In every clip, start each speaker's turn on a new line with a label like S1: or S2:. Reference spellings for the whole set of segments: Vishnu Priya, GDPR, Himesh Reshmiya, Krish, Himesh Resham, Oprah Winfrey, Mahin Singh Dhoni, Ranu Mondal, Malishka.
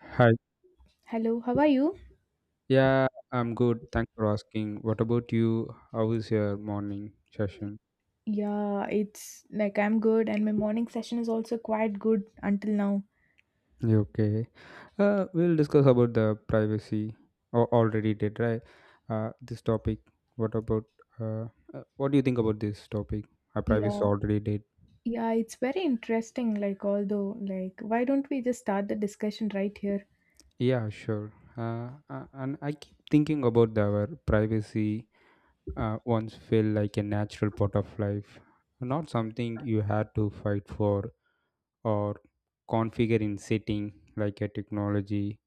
S1: Hi.
S2: Hello, how are you?
S1: Yeah, I'm good. Thanks for asking. What about you? How is your morning session?
S2: Yeah, it's like I'm good, and my morning session is also quite good until now.
S1: You okay. We'll discuss about the privacy. Or already did, right? This topic. What about? Uh, what do you think about this topic? Our privacy
S2: Yeah,
S1: already did.
S2: yeah, it's very interesting. Like, although, like, why don't we just start the discussion right here?
S1: Yeah, sure. And I keep thinking about our privacy. Once felt like a natural part of life, not something you had to fight for or configure in setting like a technology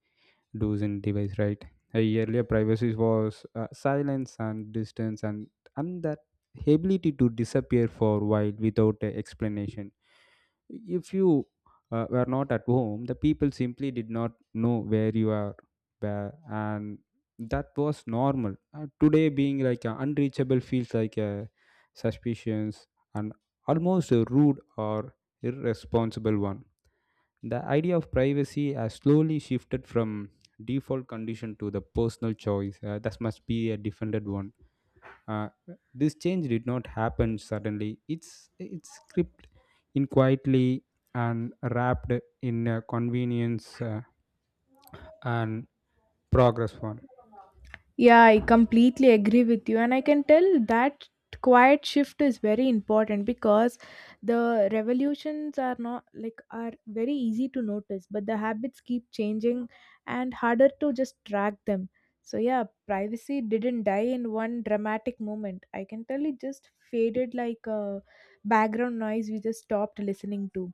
S1: does in device, right? Earlier privacy was silence and distance, and that ability to disappear for a while without a explanation. If you were not at home, the people simply did not know where you are, where, and that was normal. Today, being like unreachable feels like a suspicious and almost a rude or irresponsible one. The idea of privacy has slowly shifted from default condition to the personal choice. That must be a defended one. Uh, this change did not happen suddenly. It's scripted in quietly and wrapped in a convenience, and progress one.
S2: Yeah, I completely agree with you. And I can tell that quiet shift is very important because the revolutions are not like are very easy to notice, but the habits keep changing and harder to just track them. So yeah, privacy didn't die in one dramatic moment. I can tell it just faded like a background noise we just stopped listening to,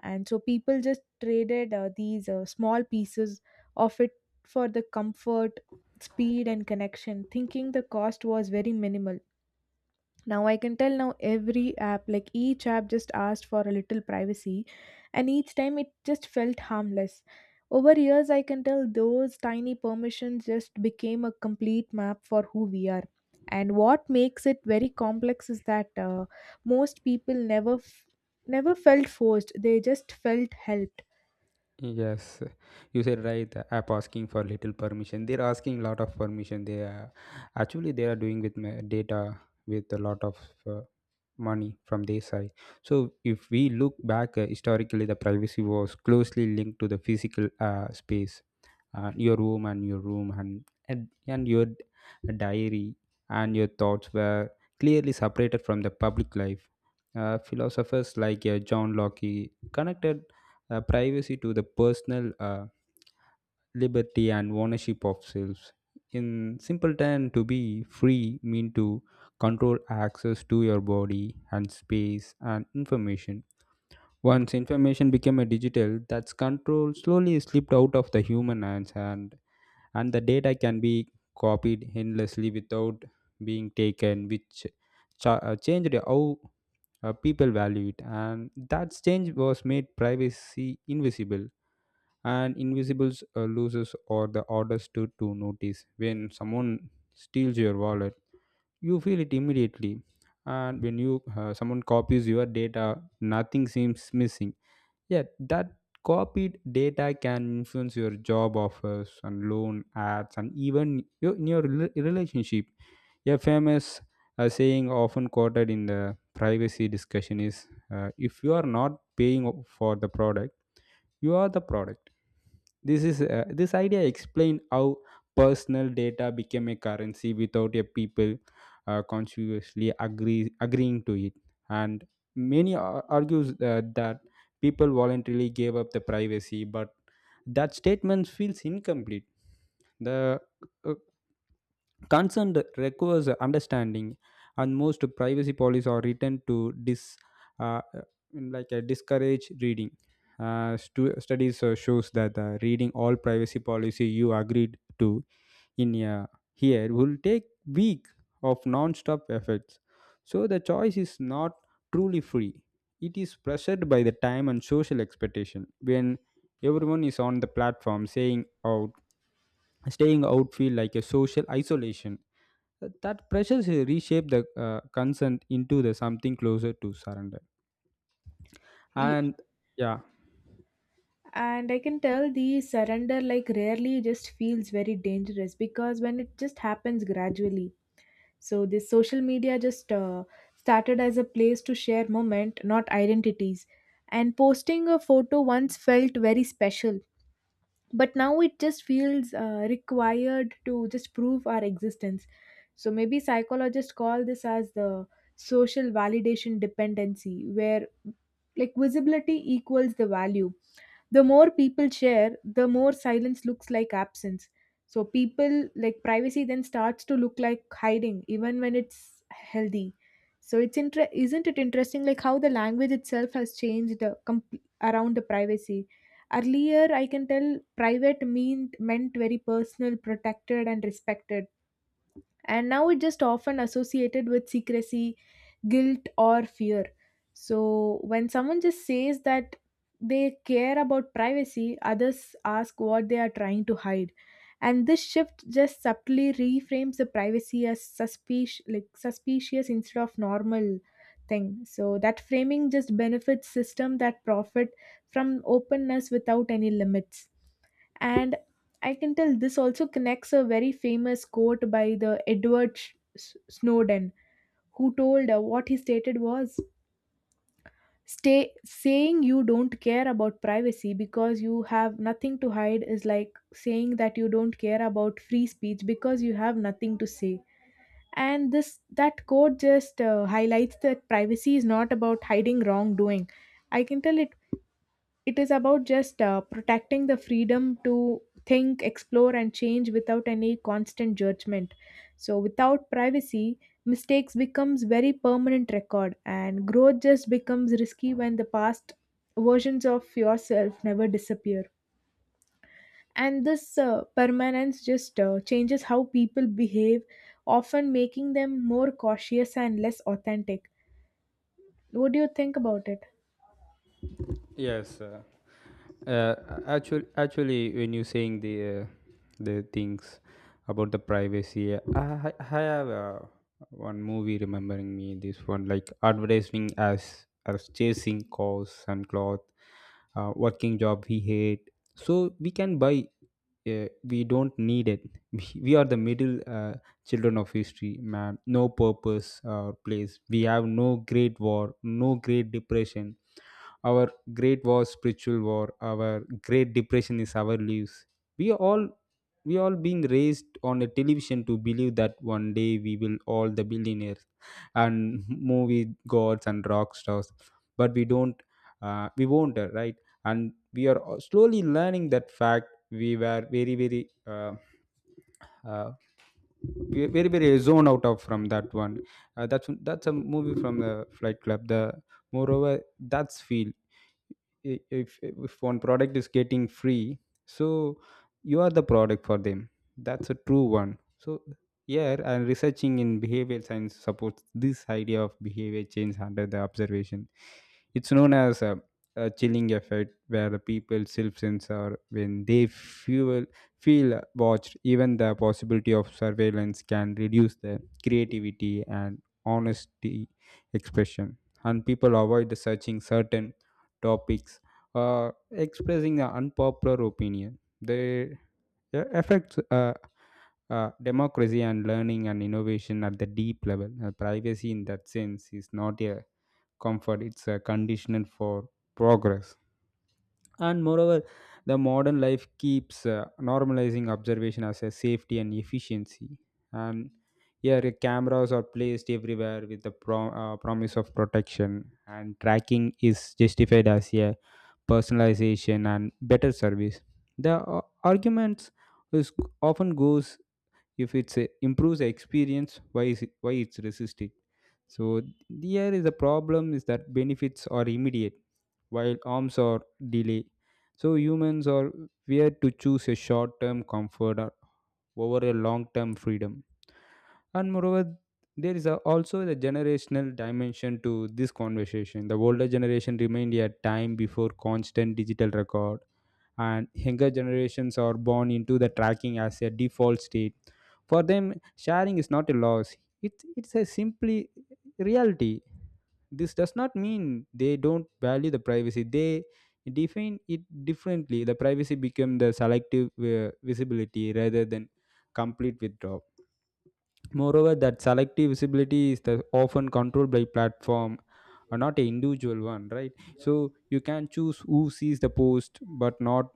S2: and so people just traded these small pieces of it for the comfort, speed, and connection, thinking the cost was very minimal. Now I can tell, now every app, like each app just asked for a little privacy, and each time it just felt harmless. Over years, I can tell those tiny permissions just became a complete map for who we are. And what makes it very complex is that most people never felt forced; they just felt helped.
S1: Yes, you said right. App asking for little permission. They're asking a lot of permission. They are, actually they are doing with my data with a lot of uh, money from their side. So if we look back historically, the privacy was closely linked to the physical space, your room and your room and your diary and your thoughts were clearly separated from the public life. Philosophers like John Locke connected privacy to the personal. Liberty and ownership of selves. In simple terms, to be free mean to control access to your body and space and information. Once information became a digital, that's control slowly slipped out of the human hands, and the data can be copied endlessly without being taken, which changed how people value it. And that change was made privacy invisible, and invisibles loses or the orders to notice. When someone steals your wallet, you feel it immediately, and when you someone copies your data, nothing seems missing, yet that copied data can influence your job offers and loan ads and even in your relationship. A famous saying often quoted in the privacy discussion is, if you are not paying for the product, you are the product. This idea explain how personal data became a currency without a people consciously agreeing to it, and many argues that people voluntarily gave up the privacy, but that statement feels incomplete. The uh, Concerned requires understanding, and most privacy policies are written to uh, in like a discourage reading. Studies shows that reading all privacy policy you agreed to in here will take week of non-stop efforts. So the choice is not truly free. It is pressured by the time and social expectation. When everyone is on the platform, saying out, staying out feel like a social isolation. That pressures reshape the consent into the something closer to surrender.
S2: Ye-
S1: And yeah,
S2: And I can tell the surrender like rarely just feels very dangerous because when it just happens gradually. So this social media just started as a place to share moment, not identities. And posting a photo once felt very special, but now it just feels required to just prove our existence. So maybe psychologists call this as the social validation dependency, where like visibility equals the value. The more people share, the more silence looks like absence. So people, like, privacy then starts to look like hiding even when it's healthy. So it's isn't it interesting like how the language itself has changed around the privacy. Earlier, I can tell private meant very personal, protected, and respected. And now it just often associated with secrecy, guilt, or fear. So when someone just says that they care about privacy, others ask what they are trying to hide. And this shift just subtly reframes the privacy as suspicious, like suspicious, instead of normal thing. So that framing just benefits system that profit from openness without any limits. And I can tell this also connects a very famous quote by the Edward Snowden, who told what he stated was, stay saying you don't care about privacy because you have nothing to hide is like saying that you don't care about free speech because you have nothing to say. And this that quote just highlights that privacy is not about hiding wrongdoing. I can tell it is about just protecting the freedom to think, explore, and change without any constant judgment. So without privacy, mistakes becomes very permanent record, and growth just becomes risky when the past versions of yourself never disappear. And this permanence just changes how people behave, often making them more cautious and less authentic. What do you think about it?
S1: yes. Uh, Actually, actually when you saying uh, the things about the privacy, I have one movie remembering me this one like advertising as chasing cause and cloth, working job we hate so we can buy we don't need it we are the middle children of history, man, no purpose or place. We have no great war, no great depression. Our great war spiritual war, our great depression is our lives. we are all we all being raised on a television to believe that one day we will all the billionaires and movie gods and rock stars. But we don't, we won't, right. And we are all slowly learning that fact. We were very very uh, we are very very zone out of from that one. That's a movie from the Flight Club. The moreover, that's feel, if one product is getting free, so you are the product for them. That's a true one. So yeah, and researching in behavioral science supports this idea of behavior change under the observation. It's known as a chilling effect where the people self-censor when they feel watched. Even the possibility of surveillance can reduce the creativity and honesty expression, and people avoid the searching certain topics or expressing an unpopular opinion. They affects democracy and learning and innovation at the deep level. Privacy, in that sense, is not a comfort; it's a condition for progress. And moreover, the modern life keeps normalizing observation as a safety and efficiency. And here, cameras are placed everywhere with the promise of protection, and tracking is justified as a personalization and better service. The arguments is often goes, if it improves the experience, why it's resisting? So here is the problem is that benefits are immediate while harms are delay. So humans are weird to choose a short-term comfort over a long-term freedom. And moreover, there is also the generational dimension to this conversation. The older generation remained a time before constant digital record, and younger generations are born into the tracking as a default state. For them, sharing is not a loss. It's a simply reality. This does not mean they don't value the privacy, they define it differently. The privacy become the selective visibility rather than complete withdrawal. Moreover, that selective visibility is the often controlled by platform or not a individual one, right? So you can choose who sees the post, but not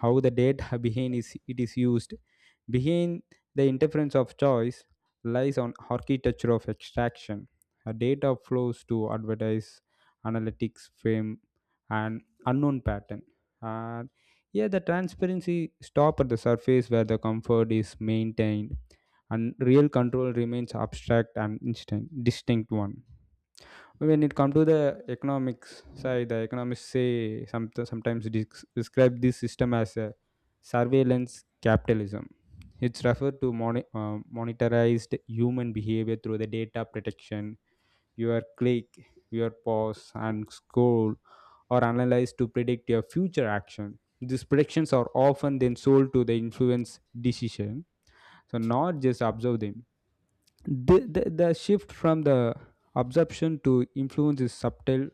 S1: how the data behind is it is used. Behind the interference of choice lies on architecture of extraction. A data flows to advertise, analytics, fame, and unknown pattern. And yeah, the transparency stop at the surface where the comfort is maintained, and real control remains abstract and instant, distinct one. When it comes to the economics side, the economists sometimes describe this system as a surveillance capitalism. It's referred to monetarized human behavior through the data protection, your click, your pause, and scroll or analyzed to predict your future action. These predictions are often then sold to the influence decision. So not just observe them. The shift from the absorption to influence is subtle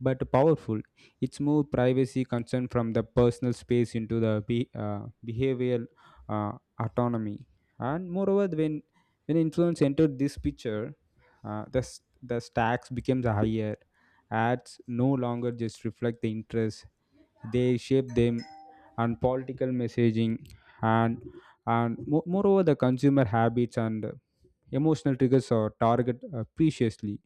S1: but powerful. It's moved privacy concern from the personal space into the behavioral uh, autonomy. And moreover, when influence entered this picture, the stacks becomes higher. Ads no longer just reflect the interest; they shape them, and political messaging and and moreover the consumer habits and emotional triggers are target preciously.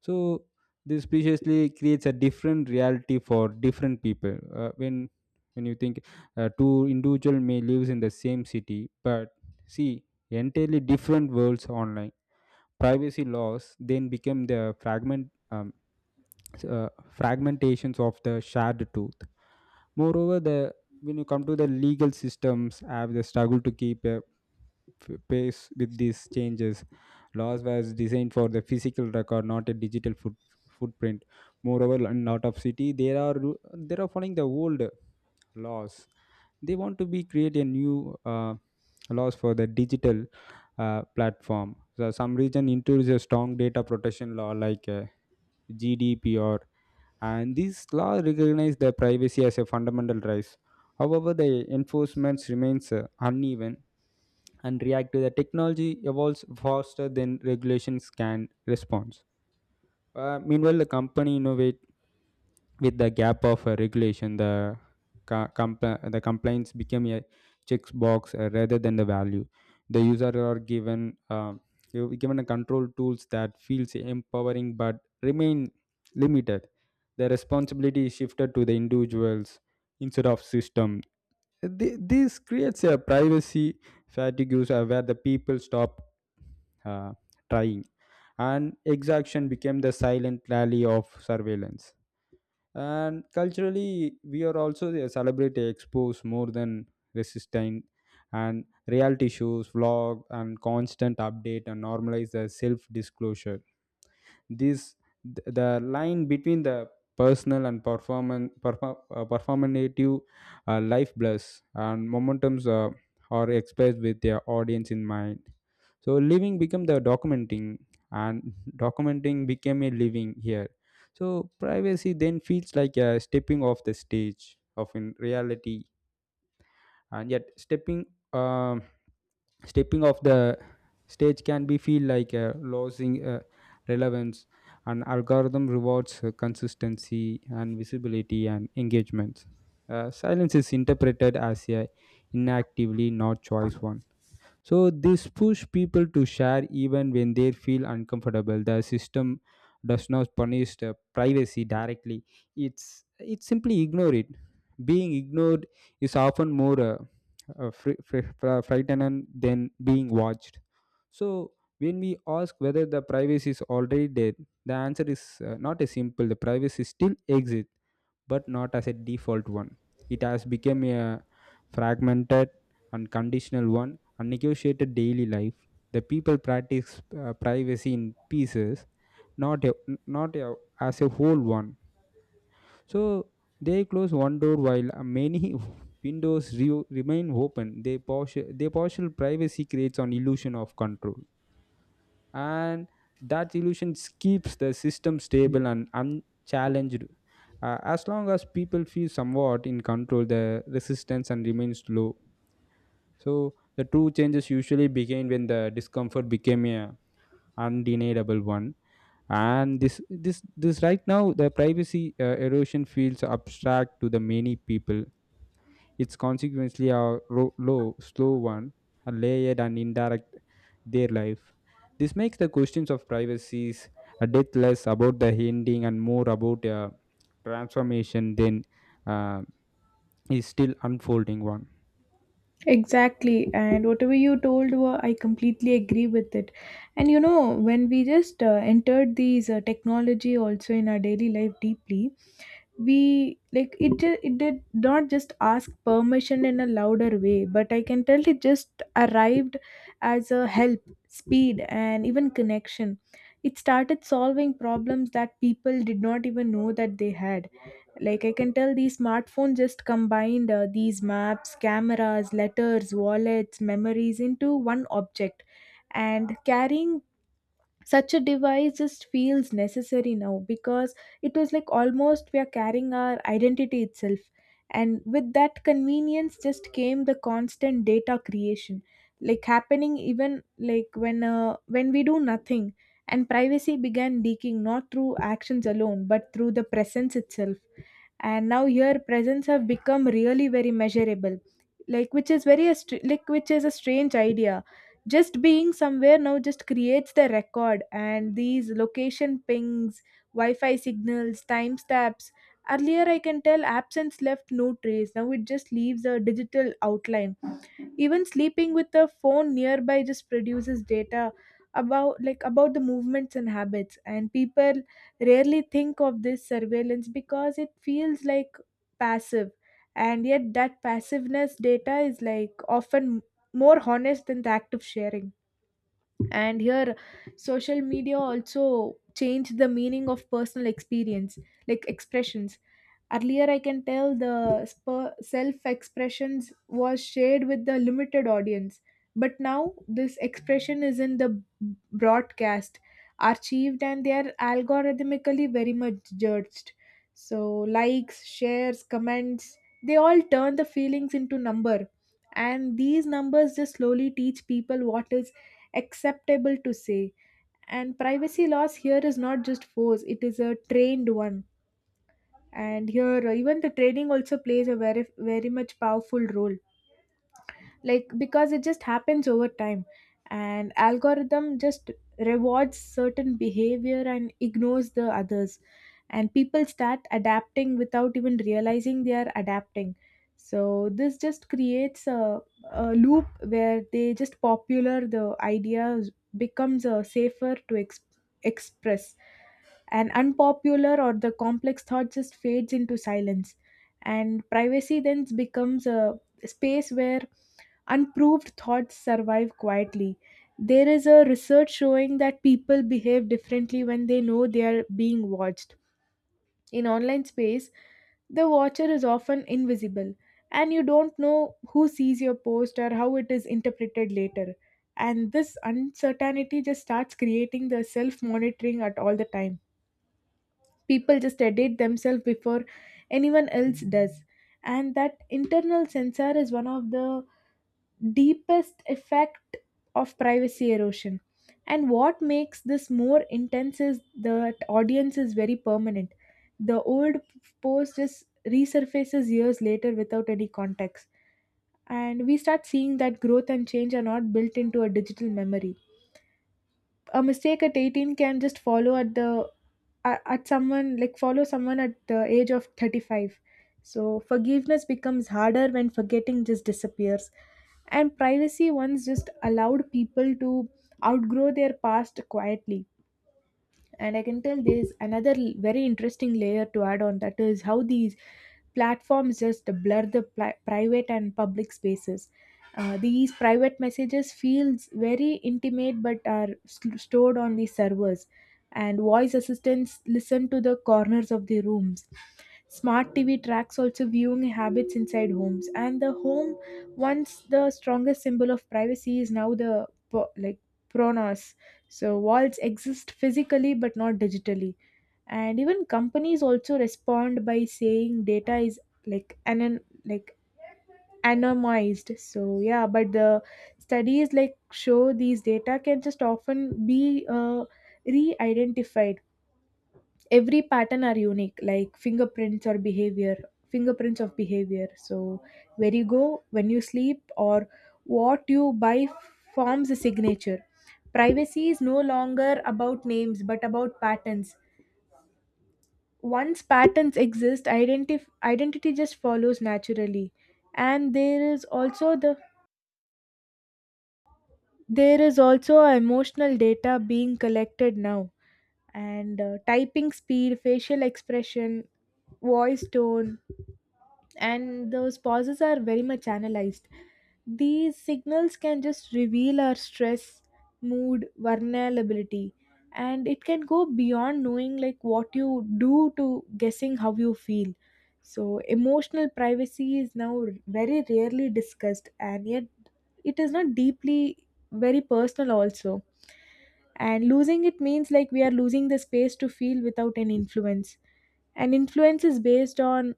S1: So this preciously creates a different reality for different people. uh, when when you think, two individual may lives in the same city but see entirely different worlds online. Privacy laws then become the fragment uh, fragmentations of the shared truth. Moreover, the when you come to the legal systems, have the struggle to keep a pace with these changes. Laws was designed for the physical record, not a digital footprint. Moreover, in lot of city, there are they are following the old laws. They want to be create a new laws for the digital platform. So some region introduces a strong data protection law like. GDPR, and these laws recognize the privacy as a fundamental right. However, the enforcement remains uneven and react to the technology evolves faster than regulations can respond. Meanwhile, the company innovate with the gap of regulation, the the compliance became a checkbox rather than the value. The user are given given a control tools that feels empowering but remain limited. The responsibility is shifted to the individuals instead of system. This creates a privacy fatigue where the people stop uh, trying, and exaction became the silent rally of surveillance. And culturally, we are also they celebrate expos more than resistant, and reality shows vlog and constant update and normalize the self disclosure. this the line between the personal and performative life blurs, and momentums are expressed with their audience in mind. So living become the documenting, and documenting became a living here. So privacy then feels like a stepping off the stage of in reality, and yet um, stepping off the stage can be feel like losing relevance. An algorithm rewards consistency and visibility and engagement. Silence is interpreted as a inactively not choice one. So this push people to share even when they feel uncomfortable. The system does not punish the privacy directly. It's it simply ignore it. Being ignored is often more frightening than being watched. So when we ask whether the privacy is already dead, the answer is not a simple. The privacy still exists but not as a default one. It has become a fragmented and conditional one and negotiated daily life. The people practice privacy in pieces, not a, not a, as a whole one. So they close one door while many remain open. Their partial privacy creates an illusion of control and that illusion keeps the system stable and unchallenged. As long as people feel somewhat in control, the resistance and remains low. So the true changes usually begin when the discomfort became a undeniable one. And this right now the privacy erosion feels abstract to the many people, it's consequently low, slow one, a layered and indirect their life. This makes the questions of privacies a death less about the ending and more about a transformation than uh, is still unfolding one.
S2: Exactly, and whatever you told, wa I completely agree with it. And you know, when we just entered these technology also in our daily life deeply, we like it. It did not just ask permission in a louder way, but I can tell it just arrived as a help, speed, and even connection. It started solving problems that people did not even know that they had. Like, I can tell the smartphone just combined these maps, cameras, letters, wallets, memories into one object. And carrying such a device just feels necessary now, because it was like almost we are carrying our identity itself. And with that convenience just came the constant data creation, like happening even like when we do nothing. And privacy began leaking not through actions alone but through the presence itself. And now here presents have become really very measurable, like which is a strange idea. Just being somewhere now just creates the record, and these location pings, Wi-Fi signals, timestamps. Earlier, I can tell absence left no trace, now it just leaves a digital outline. Even sleeping with a phone nearby just produces data about, like, about the movements and habits. And people rarely think of this surveillance because it feels like passive. And yet that passiveness data is like often more honest than the act of sharing. And here social media also changed the meaning of personal experience, like expressions. Earlier, I can tell the self expressions was shared with the limited audience. But now this expression is in the broadcast, archived, and they are algorithmically very much judged. So, likes, shares, comments, they all turn the feelings into number. And these numbers just slowly teach people what is acceptable to say. And privacy loss here is not just force; it is a trained one. And here even the training also plays a very very much powerful role, like because it just happens over time. And algorithm just rewards certain behavior and ignores the others. And people start adapting without even realizing they are adapting. So this just creates a loop where they just popular the ideas becomes a safer to express. And unpopular or the complex thought just fades into silence. And privacy then becomes a space where unproved thoughts survive quietly. There is a research showing that people behave differently when they know they are being watched. In online space, the watcher is often invisible, and you don't know who sees your post or how it is interpreted later. And this uncertainty just starts creating the self monitoring at all the time. People just edit themselves before anyone else does. And that internal censor is one of the deepest effect of privacy erosion. And what makes this more intense is that audience is very permanent. The old post just resurfaces years later without any context. And we start seeing that growth and change are not built into a digital memory. A mistake at 18 can just follow at the at someone like follow someone at the age of 35. So forgiveness becomes harder when forgetting just disappears. And privacy once just allowed people to outgrow their past quietly. And I can tell there's another very interesting layer to add on that is how these platforms just blur the private and public spaces. These private messages feels very intimate but are stored on the servers. And voice assistants listen to the corners of the rooms. Smart TV tracks also viewing habits inside homes. And the home once the strongest symbol of privacy is now the like pronos. So walls exist physically but not digitally. And even companies also respond by saying data is like anonymized. So yeah, but the studies like show these data can just often be re-identified. Every pattern are unique like fingerprints or behavior, fingerprints of behavior. So where you go, when you sleep, or what you buy forms a signature. Privacy is no longer about names but about patterns. Once patterns exist, identity just follows naturally. And there is also emotional data being collected now. And typing speed, facial expression, voice tone, and those pauses are very much analyzed. These signals can just reveal our stress, mood, vulnerability. And it can go beyond knowing like what you do to guessing how you feel. So, emotional privacy is now very rarely discussed, and yet it is not deeply very personal, also. And losing it means like we are losing the space to feel without an influence. And influence is based on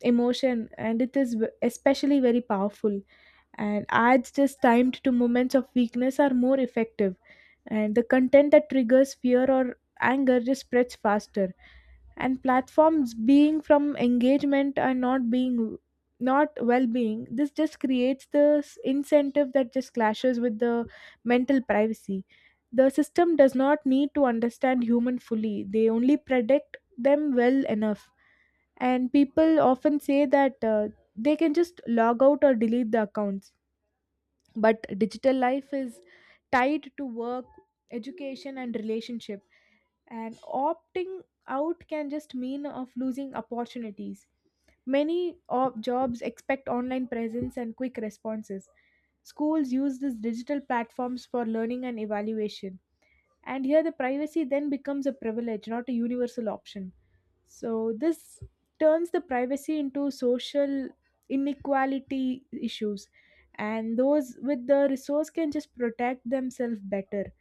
S2: emotion and especially very powerful, and ads just timed to moments of weakness are more effective, and the content that triggers fear or anger just spreads faster, and platforms being from engagement and not being not well-being, this just creates the incentive that just clashes with the mental privacy. The system does not need to understand human fully, they only predict them well enough. And people often say that they can just log out or delete the accounts, but digital life is tied to work, education and relationship, and opting out can just mean of losing opportunities. Many of jobs expect online presence and quick responses. Schools use these digital platforms for learning and evaluation, and here the privacy then becomes a privilege, not a universal option. So this turns the privacy into social inequality issues, and those with the resource can just protect themselves better,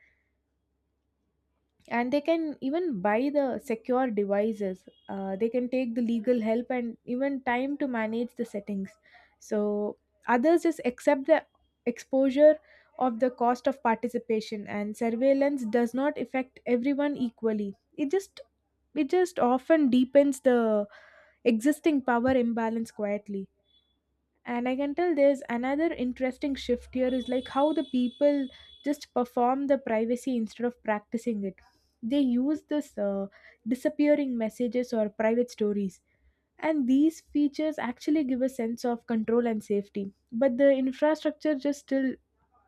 S2: and they can even buy the secure devices. They can take the legal help and even time to manage the settings. So others just accept the exposure of the cost of participation, and surveillance does not affect everyone equally. It just often deepens the existing power imbalance quietly. And I can tell there's another interesting shift here is like how the people just perform the privacy instead of practicing it. They use this disappearing messages or private stories, and these features actually give a sense of control and safety, but the infrastructure just still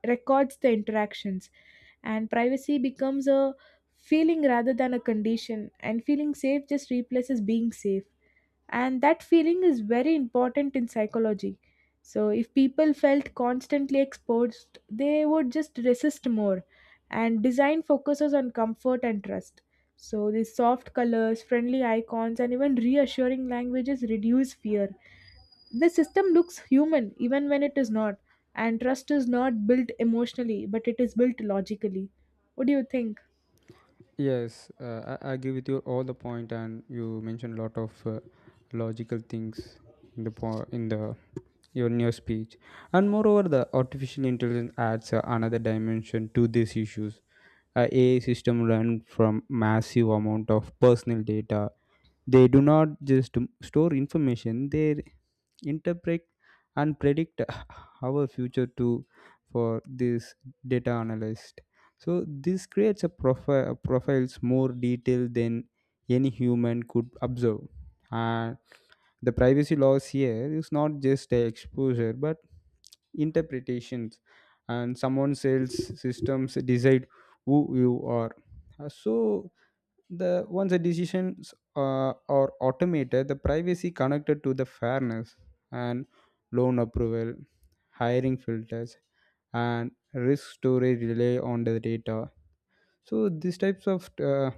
S2: records the interactions. And privacy becomes a feeling rather than a condition, and feeling safe just replaces being safe. And that feeling is very important in psychology. So if people felt constantly exposed, they would just resist more. And design focuses on comfort and trust, so these soft colors, friendly icons and even reassuring languages reduce fear. The system looks human even when it is not, and trust is not built emotionally, but it is built logically. What do you think?
S1: Yes, I agree with you all the point, and you mentioned a lot of logical things in in the your new speech, and moreover, the artificial intelligence adds another dimension to these issues. A AI system learn from massive amount of personal data. They do not just store information, they interpret and predict our future too for this data analyst. So this creates a profiles more detailed than any human could observe. And the privacy laws here is not just a exposure but interpretations and someone else systems decide who you are. So the once the decisions are automated, the privacy connected to the fairness and loan approval, hiring filters, and risk storage rely on the data. So these types of uh,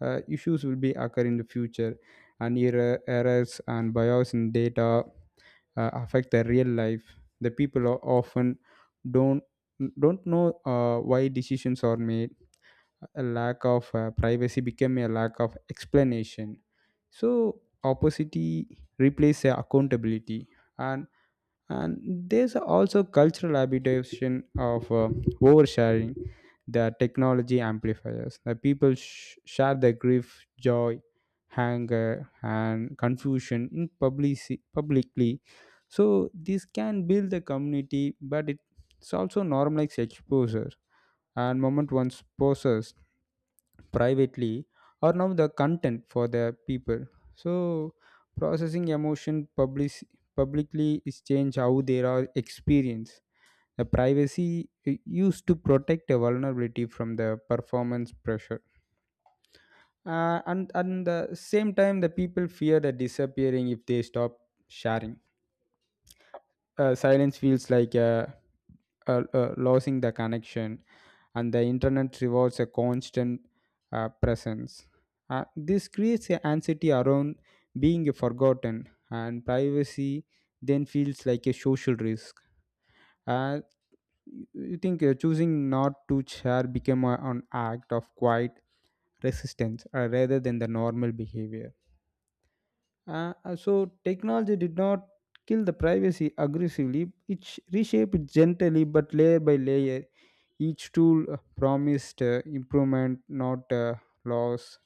S1: uh, issues will be occur in the future, and errors and bias in data affect the real life. The people are often don't don't know why decisions are made, a lack of privacy became a lack of explanation, so opacity replaces accountability. And and there's also cultural habitation of oversharing, the technology amplifiers the people share their grief, joy, anger and confusion publicly. So this can build the community but it's also normalizes exposure, and moment once poses privately are now the content for the people. So processing emotion publicly is change how they are experienced. The privacy used to protect a vulnerability from the performance pressure, and the same time the people fear the disappearing if they stop sharing. Silence feels like a losing the connection, and the internet rewards a constant presence. This creates an anxiety around being forgotten, and privacy then feels like a social risk. Uh, you think choosing not to share became an act of quiet resistance, rather than the normal behavior. So technology did not kill the privacy aggressively. It reshaped it gently, but layer by layer. Each tool promised improvement, not loss.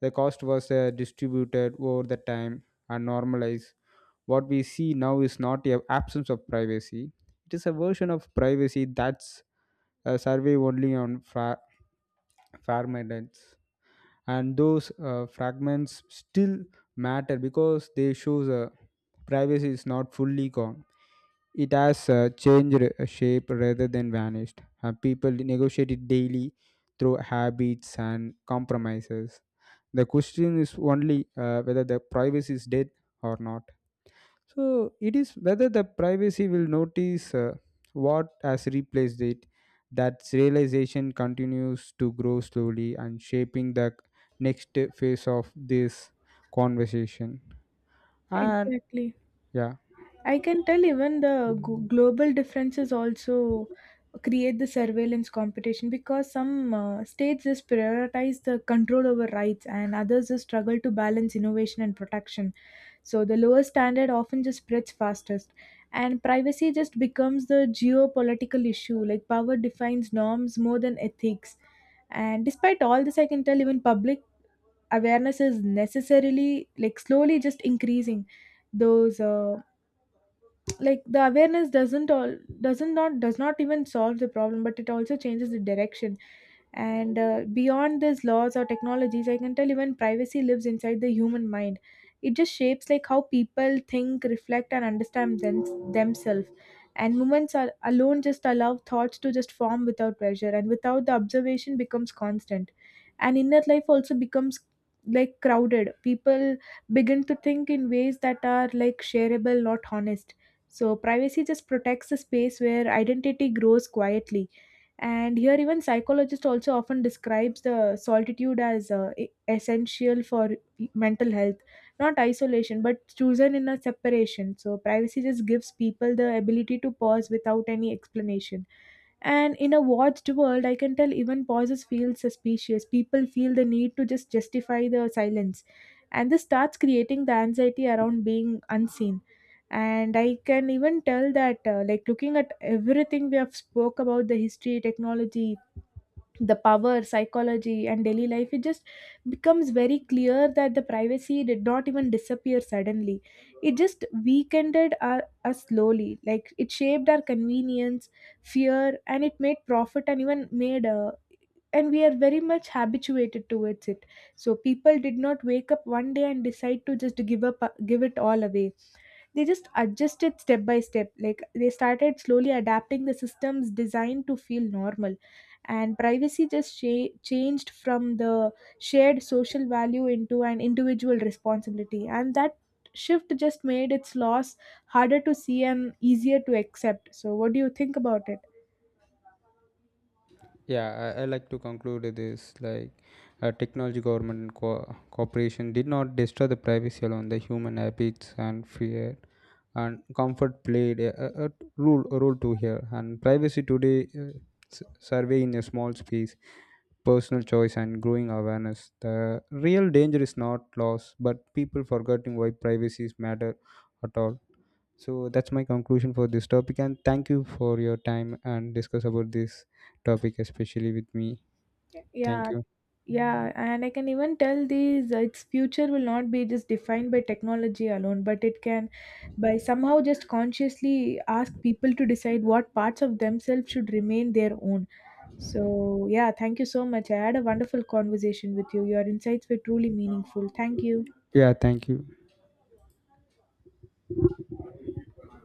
S1: The cost was distributed over the time and normalized. What we see now is not a absence of privacy. It is a version of privacy that's survey only on farmlands, and those fragments still matter because they shows privacy is not fully gone. It has changed shape rather than vanished. People negotiate it daily through habits and compromises. The question is only whether the privacy is dead or not, so it is whether the privacy will notice what has replaced it. That realization continues to grow slowly and shaping the next phase of this conversation. And
S2: Exactly.
S1: yeah.
S2: I can tell even the global differences also create the surveillance competition, because some states just prioritize the control over rights, and others just struggle to balance innovation and protection. So the lower standard often just spreads fastest. And privacy just becomes the geopolitical issue, like power defines norms more than ethics. And despite all this, I can tell even public awareness is necessarily like slowly just increasing those like the awareness doesn't all doesn't not does not even solve the problem, but it also changes the direction. And beyond these laws or technologies, I can tell even privacy lives inside the human mind. It just shapes like how people think, reflect and understand themselves. And moments are alone just allow thoughts to just form without pressure, and without the observation becomes constant, and inner life also becomes like crowded. People begin to think in ways that are like shareable, not honest. So, privacy just protects the space where identity grows quietly. And here, even psychologists also often describes the solitude as essential for mental health, not isolation, but chosen in a separation. So, privacy just gives people the ability to pause without any explanation. And in a watched world, I can tell even pauses feel suspicious. People feel the need to just justify the silence. And this starts creating the anxiety around being unseen. And I can even tell that, like looking at everything we have spoke about the history, technology, the power psychology and daily life, it just becomes very clear that the privacy did not even disappear suddenly. It just weakened us slowly, like it shaped our convenience, fear, and it made profit and even made and we are very much habituated towards it. So people did not wake up one day and decide to just give up give it all away. They just adjusted step by step, like they started slowly adapting the systems designed to feel normal. And privacy just changed from the shared social value into an individual responsibility, and that shift just made its loss harder to see and easier to accept. So what do you think about it?
S1: yeah I like to conclude this like technology, government and cooperation did not destroy the privacy alone, the human habits and fear and comfort played a role to here, and privacy today survey in a small space, personal choice and growing awareness. The real danger is not loss but people forgetting why privacies matter at all. So that's my conclusion for this topic, and thank you for your time and discuss about this topic especially with me.
S2: Yeah.
S1: Thank you.
S2: Yeah, and I can even tell these its future will not be just defined by technology alone, but it can by somehow just consciously ask people to decide what parts of themselves should remain their own. So, yeah, thank you so much. I had a wonderful conversation with you. Your insights were truly meaningful. Thank you.
S1: Yeah, thank you.